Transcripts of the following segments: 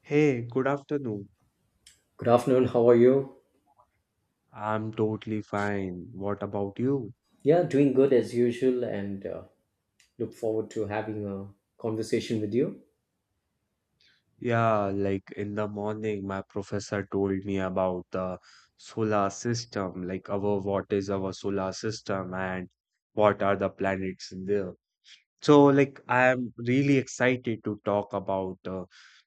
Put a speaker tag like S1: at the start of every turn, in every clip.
S1: Hey, good afternoon.
S2: Good afternoon. How are you?
S1: I'm totally fine. What about you?
S2: Yeah, doing good as usual, and look forward to having a conversation with you.
S1: Yeah, like in the morning, my professor told me about the solar system, like our what is our solar system and what are the planets in there. So, like, I am really excited to talk about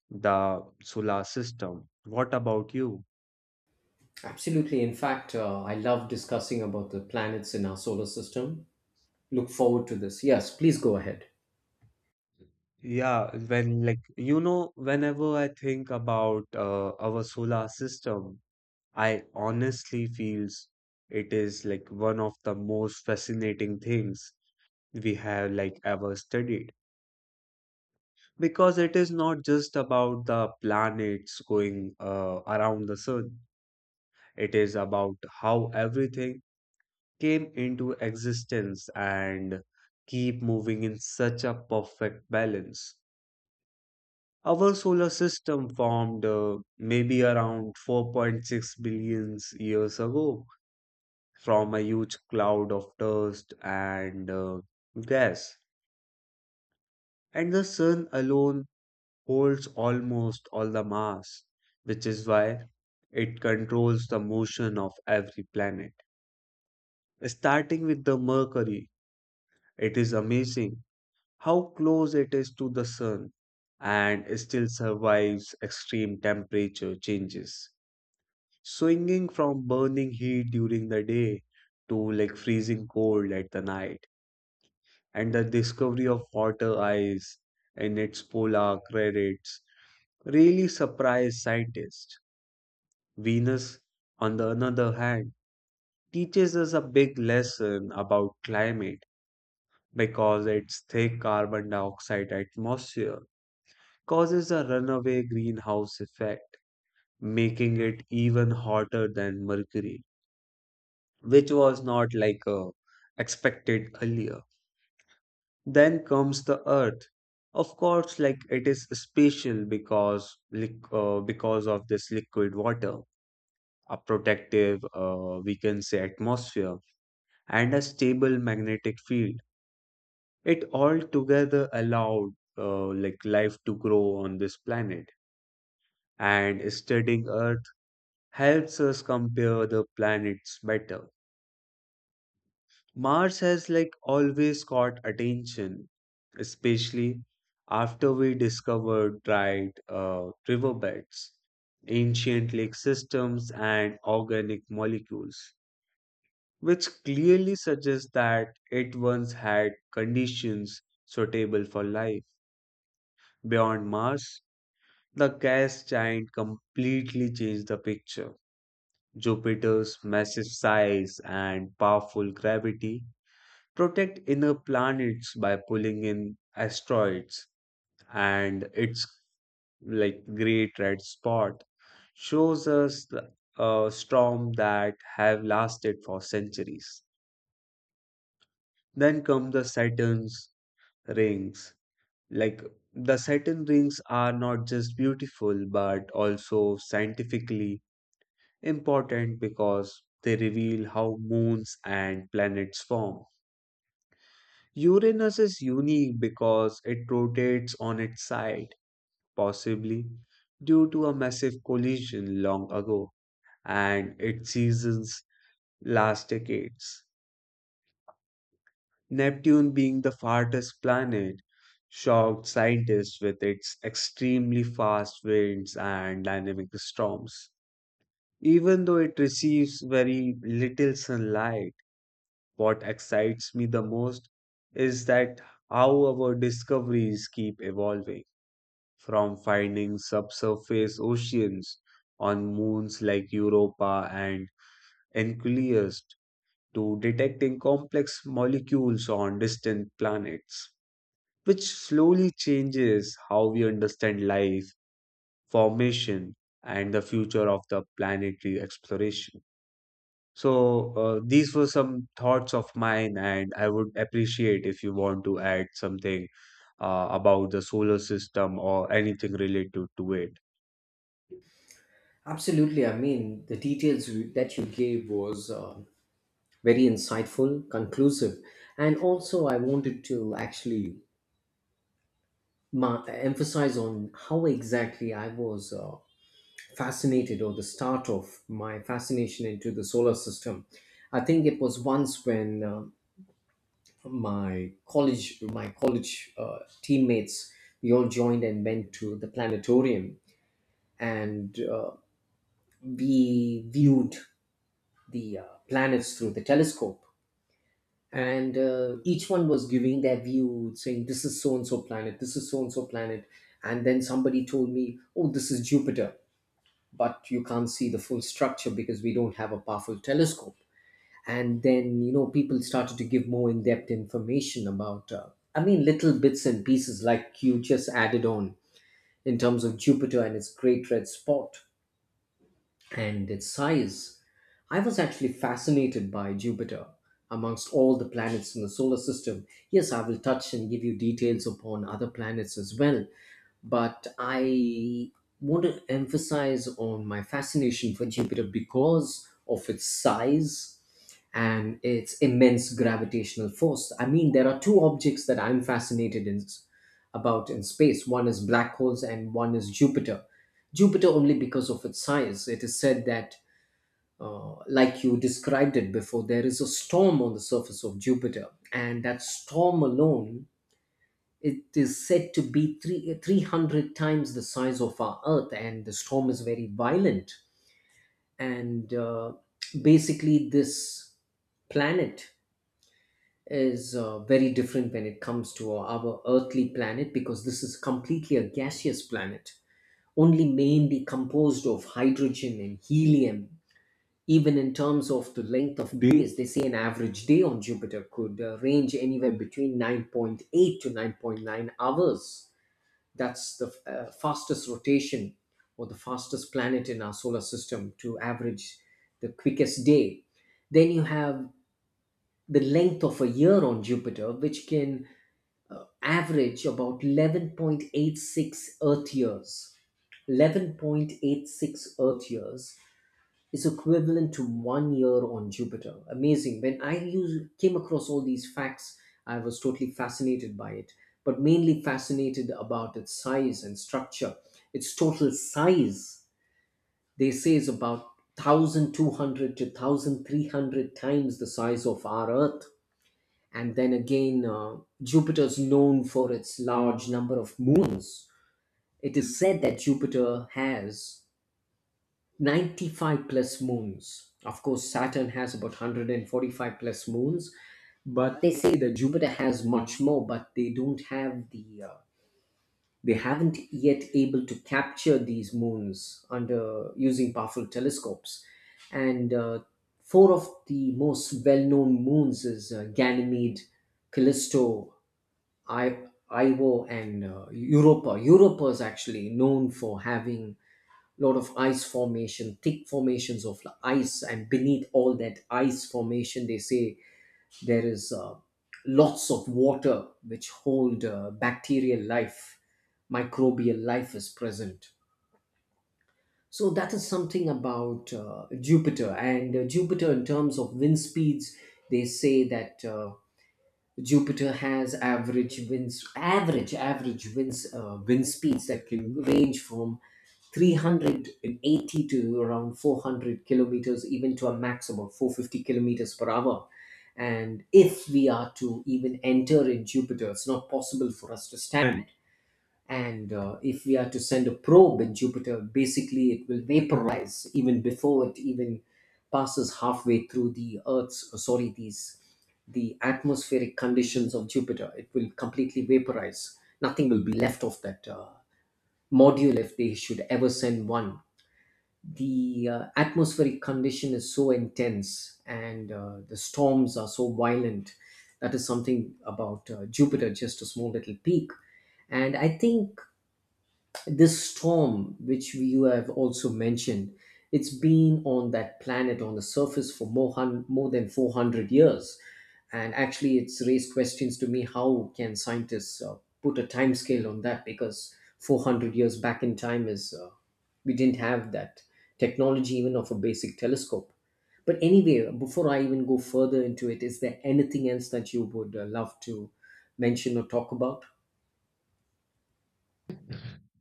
S1: the solar system. What about you?
S2: Absolutely. In fact, I love discussing about the planets in our solar system. Look forward to this. Yes, please go ahead.
S1: Yeah, when like you know, whenever I think about our solar system. I honestly feels it is like one of the most fascinating things we have like ever studied because it is not just about the planets going around the sun. It is about how everything came into existence and keep moving in such a perfect balance. Our solar system formed maybe around 4.6 billion years ago from a huge cloud of dust and gas, and the sun alone holds almost all the mass, which is why it controls the motion of every planet. Starting with the Mercury, it is amazing how close it is to the sun and still survives extreme temperature changes, swinging from burning heat during the day to like freezing cold at the night. And the discovery of water ice and its polar craters really surprised scientists. Venus, on the other hand, teaches us a big lesson about climate because its thick carbon dioxide atmosphere causes a runaway greenhouse effect, making it even hotter than Mercury, which was not like expected earlier. Then comes the Earth. Of course, like it is special because because of this liquid water, a protective, we can say, atmosphere, and a stable magnetic field. It all together allowed like life to grow on this planet. And studying Earth helps us compare the planets better. Mars has like always caught attention, especially after we discovered dried riverbeds, ancient lake systems, and organic molecules, which clearly suggests that it once had conditions suitable for life. Beyond Mars, the gas giant completely changed the picture. Jupiter's massive size and powerful gravity protect inner planets by pulling in asteroids, and its like great red spot shows us a storm that have lasted for centuries. Then come the Saturn's rings. Like, the Saturn rings are not just beautiful but also scientifically important because they reveal how moons and planets form. Uranus is unique because it rotates on its side, possibly due to a massive collision long ago, and its seasons last decades. Neptune, being the farthest planet, shocked scientists with its extremely fast winds and dynamic storms. Even though it receives very little sunlight, what excites me the most is that how our discoveries keep evolving, from finding subsurface oceans on moons like Europa and Enceladus to detecting complex molecules on distant planets, which slowly changes how we understand life, formation, and the future of the planetary exploration. So, these were some thoughts of mine, and I would appreciate if you want to add something about the solar system or anything related to it.
S2: Absolutely. I mean, the details that you gave was very insightful, conclusive, and also I wanted to actually emphasize on how exactly I was. Fascinated or the start of my fascination into the solar system, I think it was once when my college teammates, we all joined and went to the planetarium, and we viewed the planets through the telescope, and each one was giving their view saying this is so and so planet, this is so and so planet. And then somebody told me, oh, this is Jupiter, but you can't see the full structure because we don't have a powerful telescope. And then, you know, people started to give more in depth information about, I mean, little bits and pieces like you just added on in terms of Jupiter and its great red spot and its size. I was actually fascinated by Jupiter amongst all the planets in the solar system. Yes, I will touch and give you details upon other planets as well, but I want to emphasize on my fascination for Jupiter because of its size and its immense gravitational force. I mean, there are two objects that I'm fascinated in, about in space. One is black holes, and one is Jupiter. Jupiter only because of its size. It is said that, like you described it before, there is a storm on the surface of Jupiter, and that storm alone, it is said to be 300 times the size of our Earth, and the storm is very violent. And basically, this planet is very different when it comes to our earthly planet because this is completely a gaseous planet, only mainly composed of hydrogen and helium. Even in terms of the length of days, they say an average day on Jupiter could range anywhere between 9.8 to 9.9 hours. That's the fastest rotation or the fastest planet in our solar system to average the quickest day. Then you have the length of a year on Jupiter, which can average about 11.86 Earth years. 11.86 Earth years is equivalent to one year on Jupiter. Amazing. When I came across all these facts, I was totally fascinated by it, but mainly fascinated about its size and structure. Its total size, they say, is about 1,200 to 1,300 times the size of our Earth. And then again, Jupiter is known for its large number of moons. It is said that Jupiter has 95 plus moons. Of course, Saturn has about 145 plus moons, but they say that Jupiter has much more, but they don't have they haven't yet able to capture these moons under using powerful telescopes. And four of the most well-known moons is Ganymede, Callisto, Io, and Europa. Europa is actually known for having lot of ice formation, thick formations of ice, and beneath all that ice formation, they say there is lots of water which hold bacterial life, microbial life is present. So that is something about Jupiter. And Jupiter in terms of wind speeds. They say that. Jupiter has average winds, average winds, wind speeds that can range from 380 to around 400 kilometers, even to a maximum of 450 kilometers per hour. And if we are to even enter in Jupiter, it's not possible for us to stand. And if we are to send a probe at Jupiter, basically it will vaporize even before it even passes halfway through the Earth's, sorry, the atmospheric conditions of Jupiter. It will completely vaporize. Nothing will be left of that module if they should ever send one. The atmospheric condition is so intense, and the storms are so violent. That is something about Jupiter, just a small little peak. And I think this storm, which you have also mentioned, it's been on that planet on the surface for more than 400 years, and actually it's raised questions to me, how can scientists put a time scale on that, because 400 years back in time is, we didn't have that technology even of a basic telescope. But anyway, before I even go further into it, is there anything else that you would love to mention or talk about?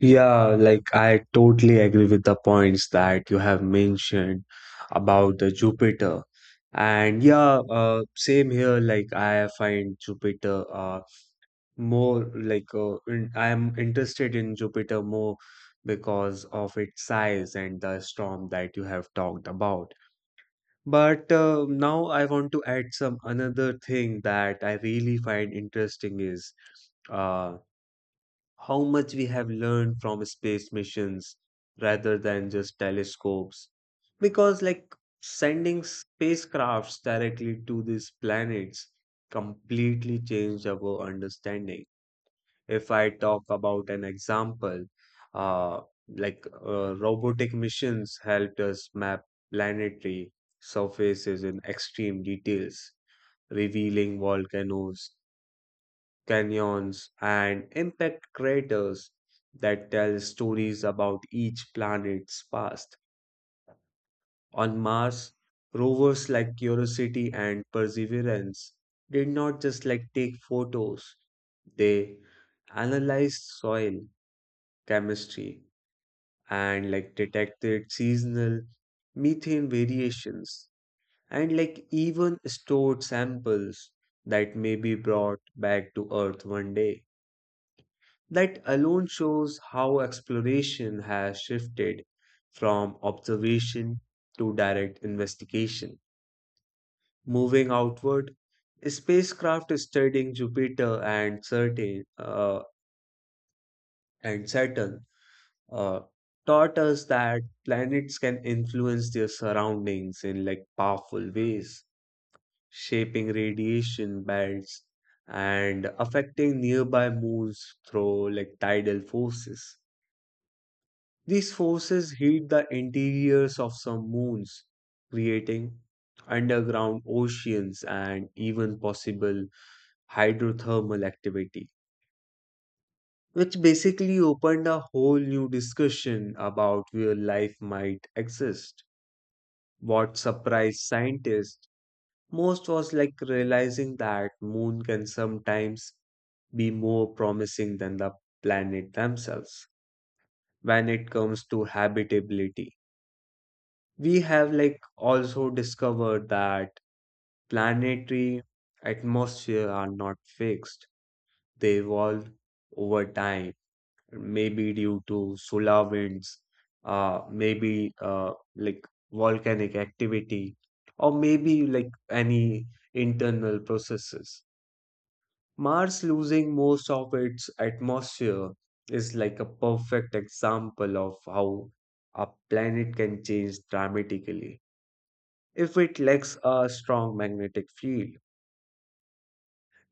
S1: Yeah, like I totally agree with the points that you have mentioned about the Jupiter. And yeah, same here. Like I find Jupiter I am interested in Jupiter more because of its size and the storm that you have talked about. But now I want to add some another thing that I really find interesting is uh, how much we have learned from space missions rather than just telescopes. Because like sending spacecrafts directly to these planets completely changed our understanding. If I talk about an example, uh, robotic missions helped us map planetary surfaces in extreme details, revealing volcanoes, canyons, and impact craters that tell stories about each planet's past. On Mars, rovers like Curiosity and Perseverance did not just like take photos, they analyzed soil, chemistry, and like detected seasonal methane variations and like even stored samples that may be brought back to Earth one day. That alone shows how exploration has shifted from observation to direct investigation. Moving outward, spacecraft studying Jupiter and certain and Saturn uh, taught us that planets can influence their surroundings in like powerful ways, shaping radiation belts and affecting nearby moons through like tidal forces. These forces heat the interiors of some moons, creating underground oceans and even possible hydrothermal activity, which basically opened a whole new discussion about where life might exist. What surprised scientists most was like realizing that moon can sometimes be more promising than the planet themselves when it comes to habitability. We have like also discovered that planetary atmosphere are not fixed. They evolve over time, maybe due to solar winds, maybe like volcanic activity, or maybe like any internal processes. Mars losing most of its atmosphere is like a perfect example of how a planet can change dramatically if it lacks a strong magnetic field.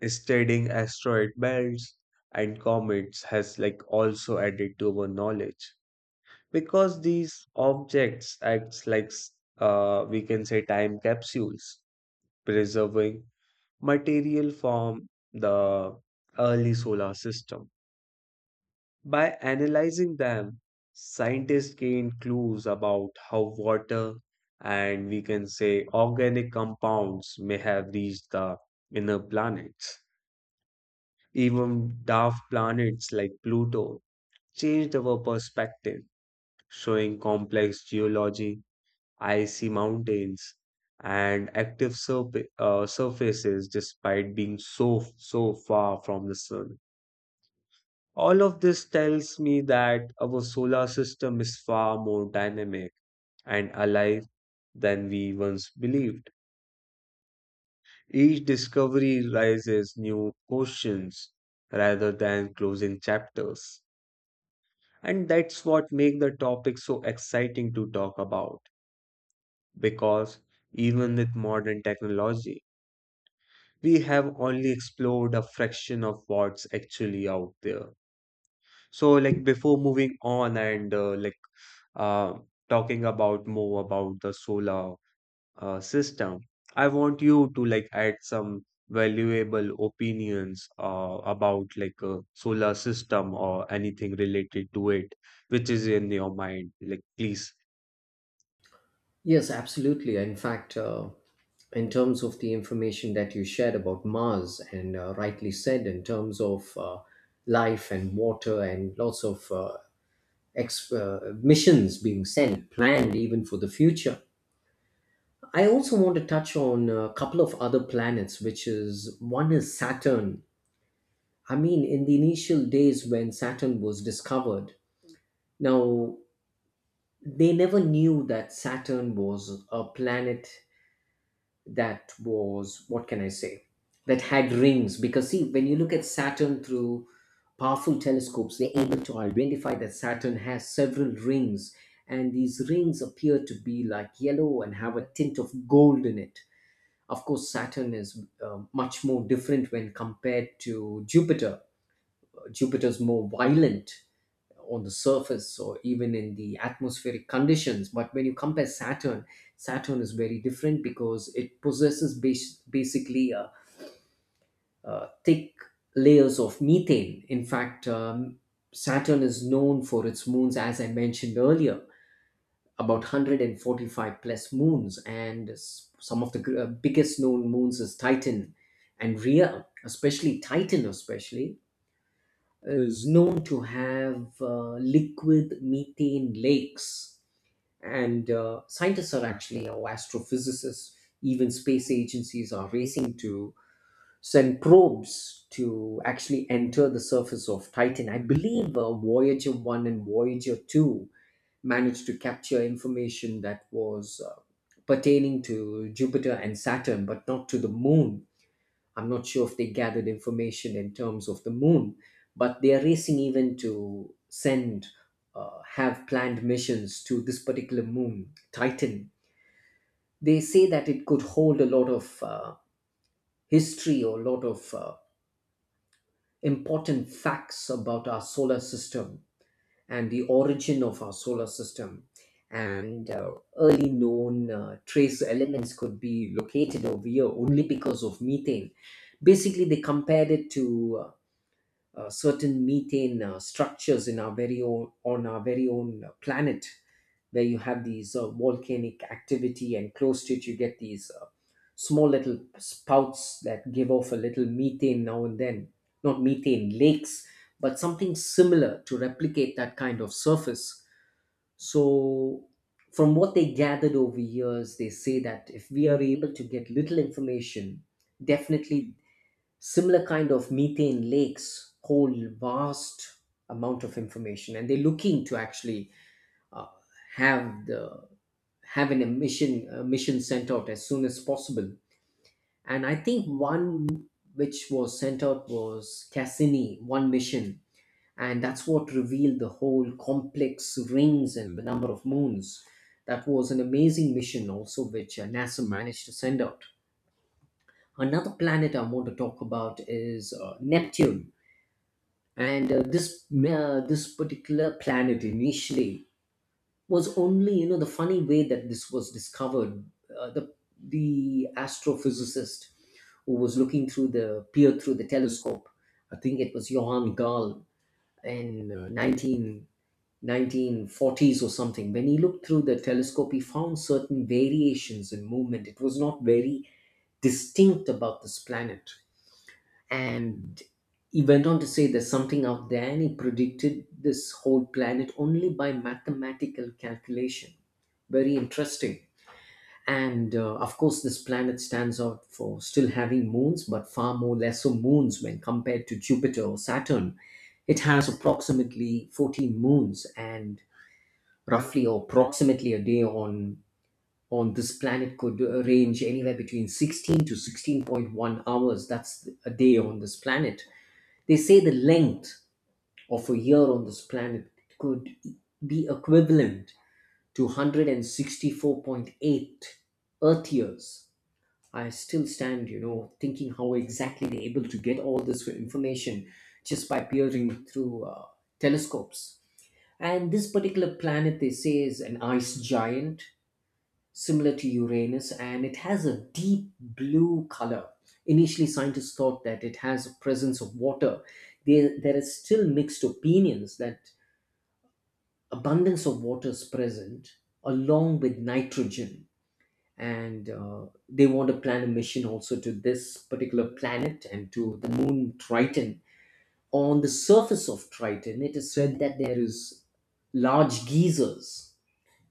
S1: Studying asteroid belts and comets has like also added to our knowledge, because these objects acts we can say, time capsules preserving material from the early solar system. By analyzing them, scientists gained clues about how water and, we can say, organic compounds may have reached the inner planets. Even daft planets like Pluto changed our perspective, showing complex geology. I see mountains and active surfaces despite being so far from the sun. All of this tells me that our solar system is far more dynamic and alive than we once believed. Each discovery raises new questions rather than closing chapters. And that's what makes the topic so exciting to talk about, because even with modern technology we have only explored a fraction of what's actually out there. So, like, before moving on and uh, talking about more about the solar system, I want you to like add some valuable opinions about like a solar system or anything related to it, which is in your mind. Like, please.
S2: Yes, absolutely. In fact, in terms of the information that you shared about Mars, and rightly said, in terms of life and water and lots of missions being sent, planned even for the future. I also want to touch on a couple of other planets, which is one is Saturn. I mean, in the initial days when Saturn was discovered, now they never knew that Saturn was a planet that was, what can I say, that had rings, because see, when you look at Saturn through powerful telescopes, they're able to identify that Saturn has several rings, and these rings appear to be like yellow and have a tint of gold in it. Of course, Saturn is much more different when compared to Jupiter. Jupiter's more violent on the surface or even in the atmospheric conditions. But when you compare Saturn, Saturn is very different because it possesses basically thick layers of methane. In fact, Saturn is known for its moons, as I mentioned earlier, about 145 plus moons, and some of the biggest known moons is Titan and Rhea, especially Titan, especially is known to have liquid methane lakes. And scientists are actually, or astrophysicists, even space agencies are racing to send probes to actually enter the surface of Titan. I believe Voyager 1 and Voyager 2 managed to capture information that was pertaining to Jupiter and Saturn, but not to the moon. I'm not sure if they gathered information in terms of the moon, but they are racing even to send, have planned missions to this particular moon, Titan. They say that it could hold a lot of history or a lot of important facts about our solar system and the origin of our solar system. And early known trace elements could be located over here only because of methane. Basically, they compared it to certain methane structures in our very own planet, where you have these volcanic activity, and close to it you get these small little spouts that give off a little methane now and then. Not methane lakes, but something similar to replicate that kind of surface. So, from what they gathered over years, they say that if we are able to get little information, definitely similar kind of methane lakes hold vast amount of information, and they're looking to actually uh, have the have an emission sent out as soon as possible. And I think one which was sent out was Cassini one mission, and that's what revealed the whole complex rings and the number of moons. That was an amazing mission also which NASA managed to send out. Another planet I want to talk about is Neptune. And this particular planet initially was only, you know, the funny way that this was discovered, uh, the the astrophysicist who was looking through the peered through the telescope, I think it was Johann Gall in 19 nineteen forties or something, when he looked through the telescope, he found certain variations in movement. It was not very distinct about this planet, and he went on to say there's something out there, and he predicted this whole planet only by mathematical calculation. Very interesting. And of course, this planet stands out for still having moons, but far more lesser moons when compared to Jupiter or Saturn. It has approximately 14 moons, and roughly or approximately a day on this planet could range anywhere between 16 to 16.1 hours. That's a day on this planet. They say the length of a year on this planet could be equivalent to 164.8 Earth years. I still stand, you know, thinking how exactly they're able to get all this information just by peering through telescopes. And this particular planet, they say, is an ice giant similar to Uranus, and it has a deep blue color. Initially, scientists thought that it has a presence of water. There is still mixed opinions that abundance of water is present along with nitrogen. And they want to plan a mission also to this particular planet and to the moon Triton. On the surface of Triton, it is said that there is large geysers,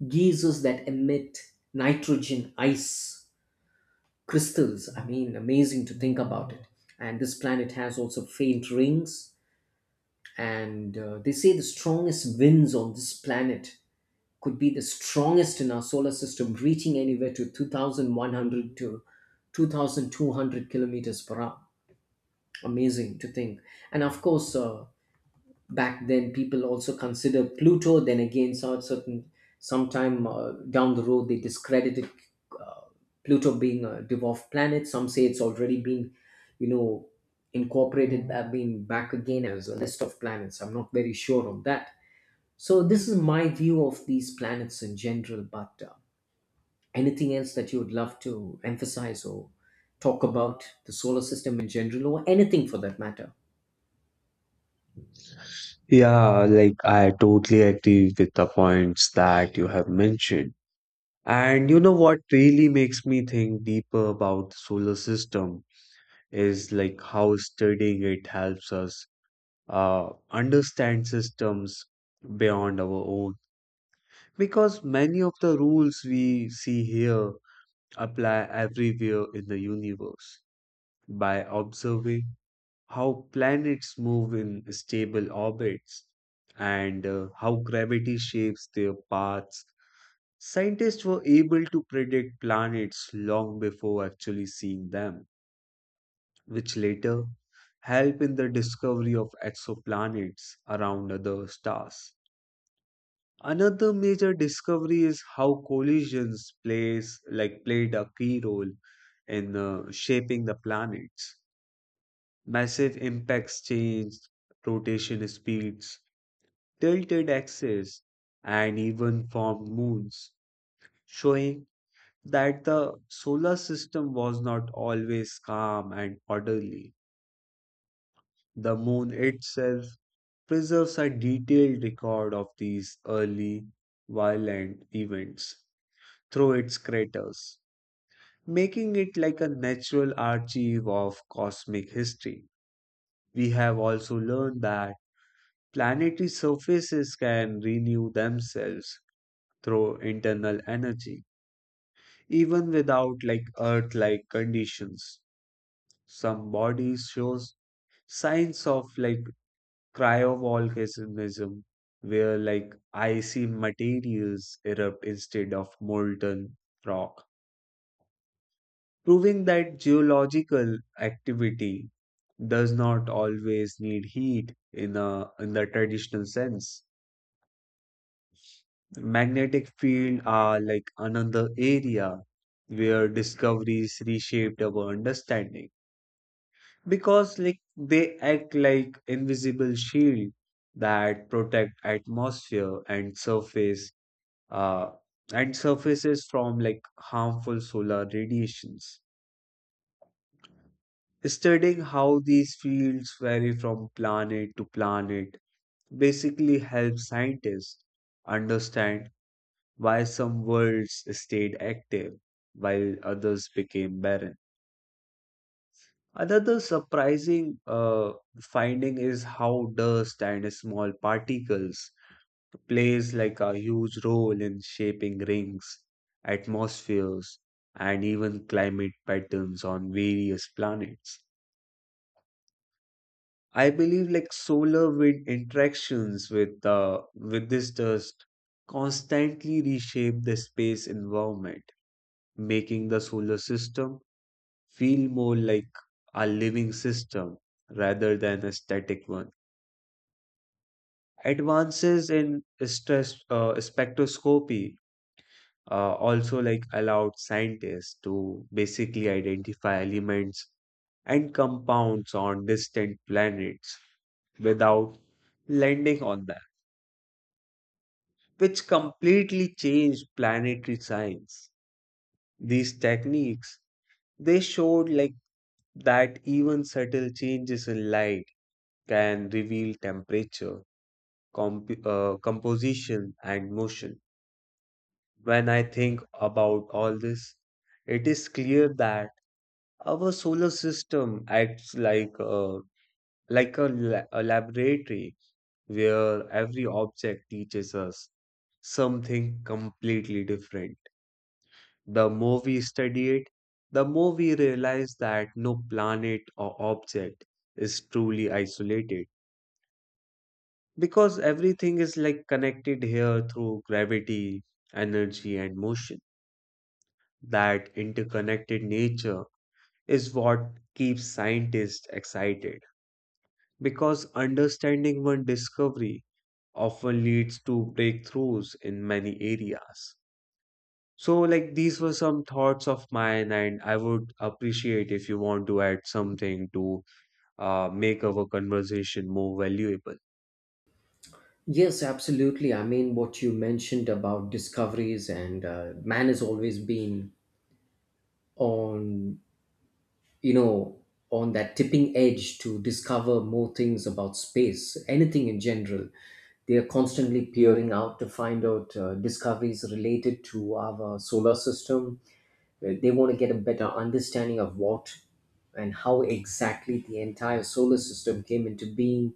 S2: geysers that emit nitrogen ice crystals. I mean, amazing to think about it. And this planet has also faint rings. And They say the strongest winds on this planet could be the strongest in our solar system, reaching anywhere to 2,100 to 2,200 kilometers per hour. Amazing to think. And of course, back then people also consider Pluto then again. So certain sometime down the road they discredited uh, Pluto being a dwarf planet. Some say it's already been you know incorporated, been back again as a list of planets. I'm not very sure of that. So this is my view of these planets in general, but anything else that you would love to emphasize or talk about the solar system in general, or anything for that matter?
S1: Yeah, like I totally agree with the points that you have mentioned. And you know what really makes me think deeper about the solar system is like how studying it helps us understand systems beyond our own. Because many of the rules we see here apply everywhere in the universe. By observing how planets move in stable orbits and how gravity shapes their paths, scientists were able to predict planets long before actually seeing them, which later helped in the discovery of exoplanets around other stars. Another major discovery is how collisions plays like played a key role in shaping the planets. Massive impacts changed rotation speeds, tilted axes, and even formed moons, showing that the solar system was not always calm and orderly. The moon itself preserves a detailed record of these early violent events through its craters, making it like a natural archive of cosmic history. We have also learned that planetary surfaces can renew themselves through internal energy, even without like Earth-like conditions. Some bodies shows signs of like cryovolcanism, where like icy materials erupt instead of molten rock, proving that geological activity does not always need heat in a in the traditional sense. Magnetic field are like another area where discoveries reshaped our understanding, because like they act like invisible shield that protect atmosphere and surface uh, and surfaces from like harmful solar radiations. Studying how these fields vary from planet to planet basically helps scientists understand why some worlds stayed active while others became barren. Another surprising finding is how dust and small particles plays like a huge role in shaping rings, atmospheres, and even climate patterns on various planets. I believe like solar wind interactions with this dust constantly reshape the space environment, making the solar system feel more like a living system rather than a static one. Advances in stress spectroscopy also like allowed scientists to basically identify elements and compounds on distant planets without landing on them, which completely changed planetary science. These techniques, they showed like that even subtle changes in light can reveal temperature, composition, and motion. When I think about all this, it is clear that our solar system acts like a laboratory where every object teaches us something completely different. The more we study it, the more we realize that no planet or object is truly isolated, because everything is like connected here through gravity, energy, and motion. That interconnected nature is what keeps scientists excited, because understanding one discovery often leads to breakthroughs in many areas. So, like, these were some thoughts of mine, and I would appreciate if you want to add something to make our conversation more valuable.
S2: Yes, absolutely. I mean, what you mentioned about discoveries, and man has always been on, you know, on that tipping edge to discover more things about space, anything in general. They are constantly peering out to find out discoveries related to our solar system. They want to get a better understanding of what and how exactly the entire solar system came into being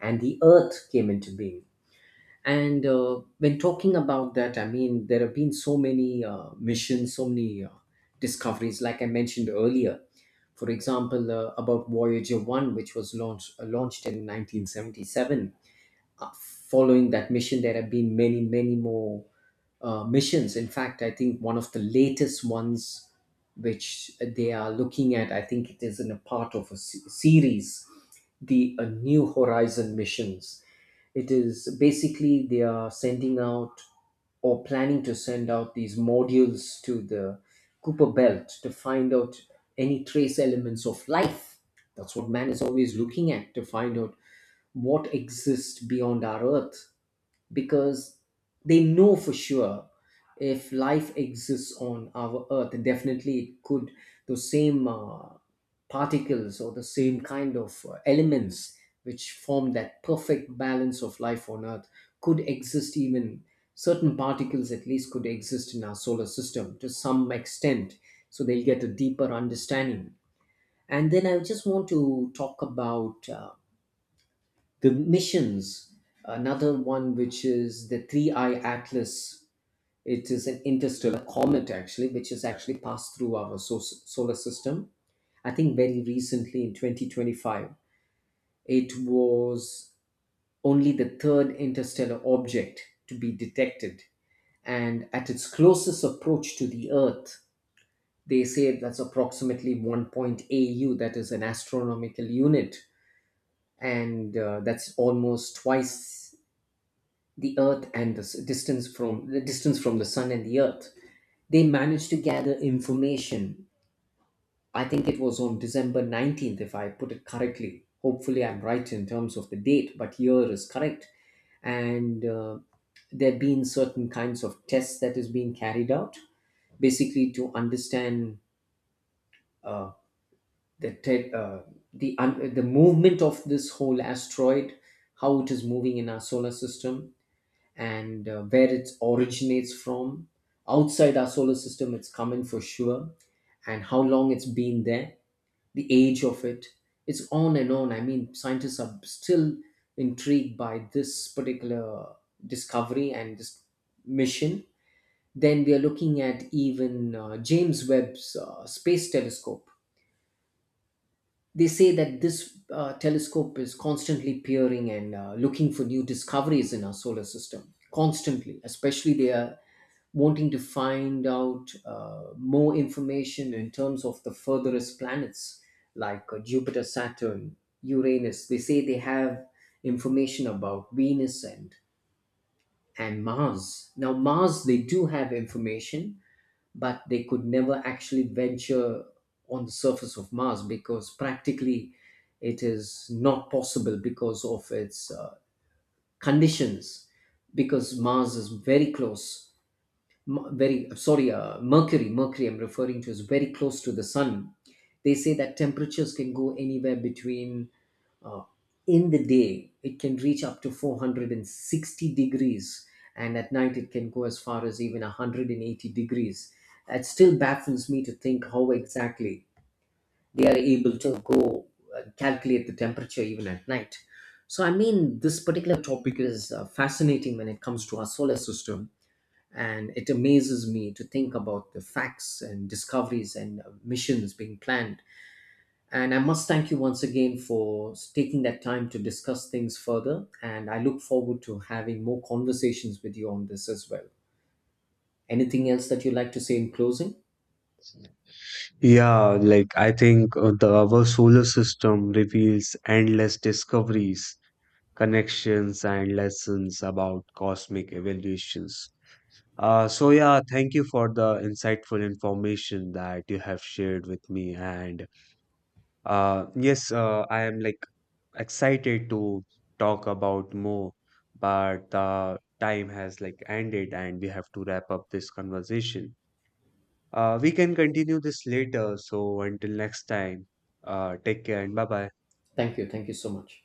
S2: and the earth came into being. And When talking about that, I mean, there have been so many missions, so many discoveries, like I mentioned earlier. For example, about Voyager 1, which was launched, launched in 1977. Following that mission, there have been many, many more missions. In fact, I think one of the latest ones which they are looking at, I think it is in a part of a series, the New Horizon missions. It is basically they are sending out or planning to send out these modules to the Cooper Belt to find out any trace elements of life. That's what man is always looking at, to find out what exists beyond our earth, because they know for sure, if life exists on our earth, definitely it could, those same particles, or the same kind of elements which form that perfect balance of life on earth, could exist, even certain particles at least could exist in our solar system to some extent. So they'll get a deeper understanding. And then I just want to talk about the missions, another one, which is the 3I Atlas. It is an interstellar comet, actually, which has actually passed through our solar system. I think very recently, in 2025, it was only the third interstellar object to be detected. And at its closest approach to the Earth, they say that's approximately 1 point AU, that is an astronomical unit. And That's almost twice the earth and the distance from, the distance from the sun and the earth. They managed to gather information. I think it was on December 19th, if I put it correctly. Hopefully I'm right in terms of the date, but year is correct. And There have been certain kinds of tests that is being carried out, basically to understand, uh, the the the movement of this whole asteroid, how it is moving in our solar system, and where it originates from. Outside our solar system it's coming, for sure, and how long it's been there, the age of it. It's on and on. I mean, scientists are still intrigued by this particular discovery and this mission. Then we are looking at even James Webb's space telescope. They say that this telescope is constantly peering and looking for new discoveries in our solar system constantly. Especially they are wanting to find out more information in terms of the furthest planets, like Jupiter, Saturn, Uranus. They say they have information about Venus and Mars. Now Mars, they do have information, but they could never actually venture on the surface of Mars because practically it is not possible because of its conditions, because Mars is very close. Very sorry, mercury, mercury I'm referring to, is very close to the sun. They say that temperatures can go anywhere between, uh, in the day it can reach up to 460 degrees, and at night it can go as far as even 180 degrees. That still baffles me to think how exactly they are able to go calculate the temperature even at night. So I mean, this particular topic is fascinating when it comes to our solar system, and it amazes me to think about the facts and discoveries and missions being planned. And I must thank you once again for taking that time to discuss things further, and I look forward to having more conversations with you on this as well. Anything else that you'd like to say in closing?
S1: Yeah, like, I think our solar system reveals endless discoveries, connections, and lessons about cosmic evolutions. So yeah, thank you for the insightful information that you have shared with me. And yes, I am like excited to talk about more, but the time has like ended and we have to wrap up this conversation. We can continue this later. So until next time, take care and bye bye.
S2: Thank you, thank you so much.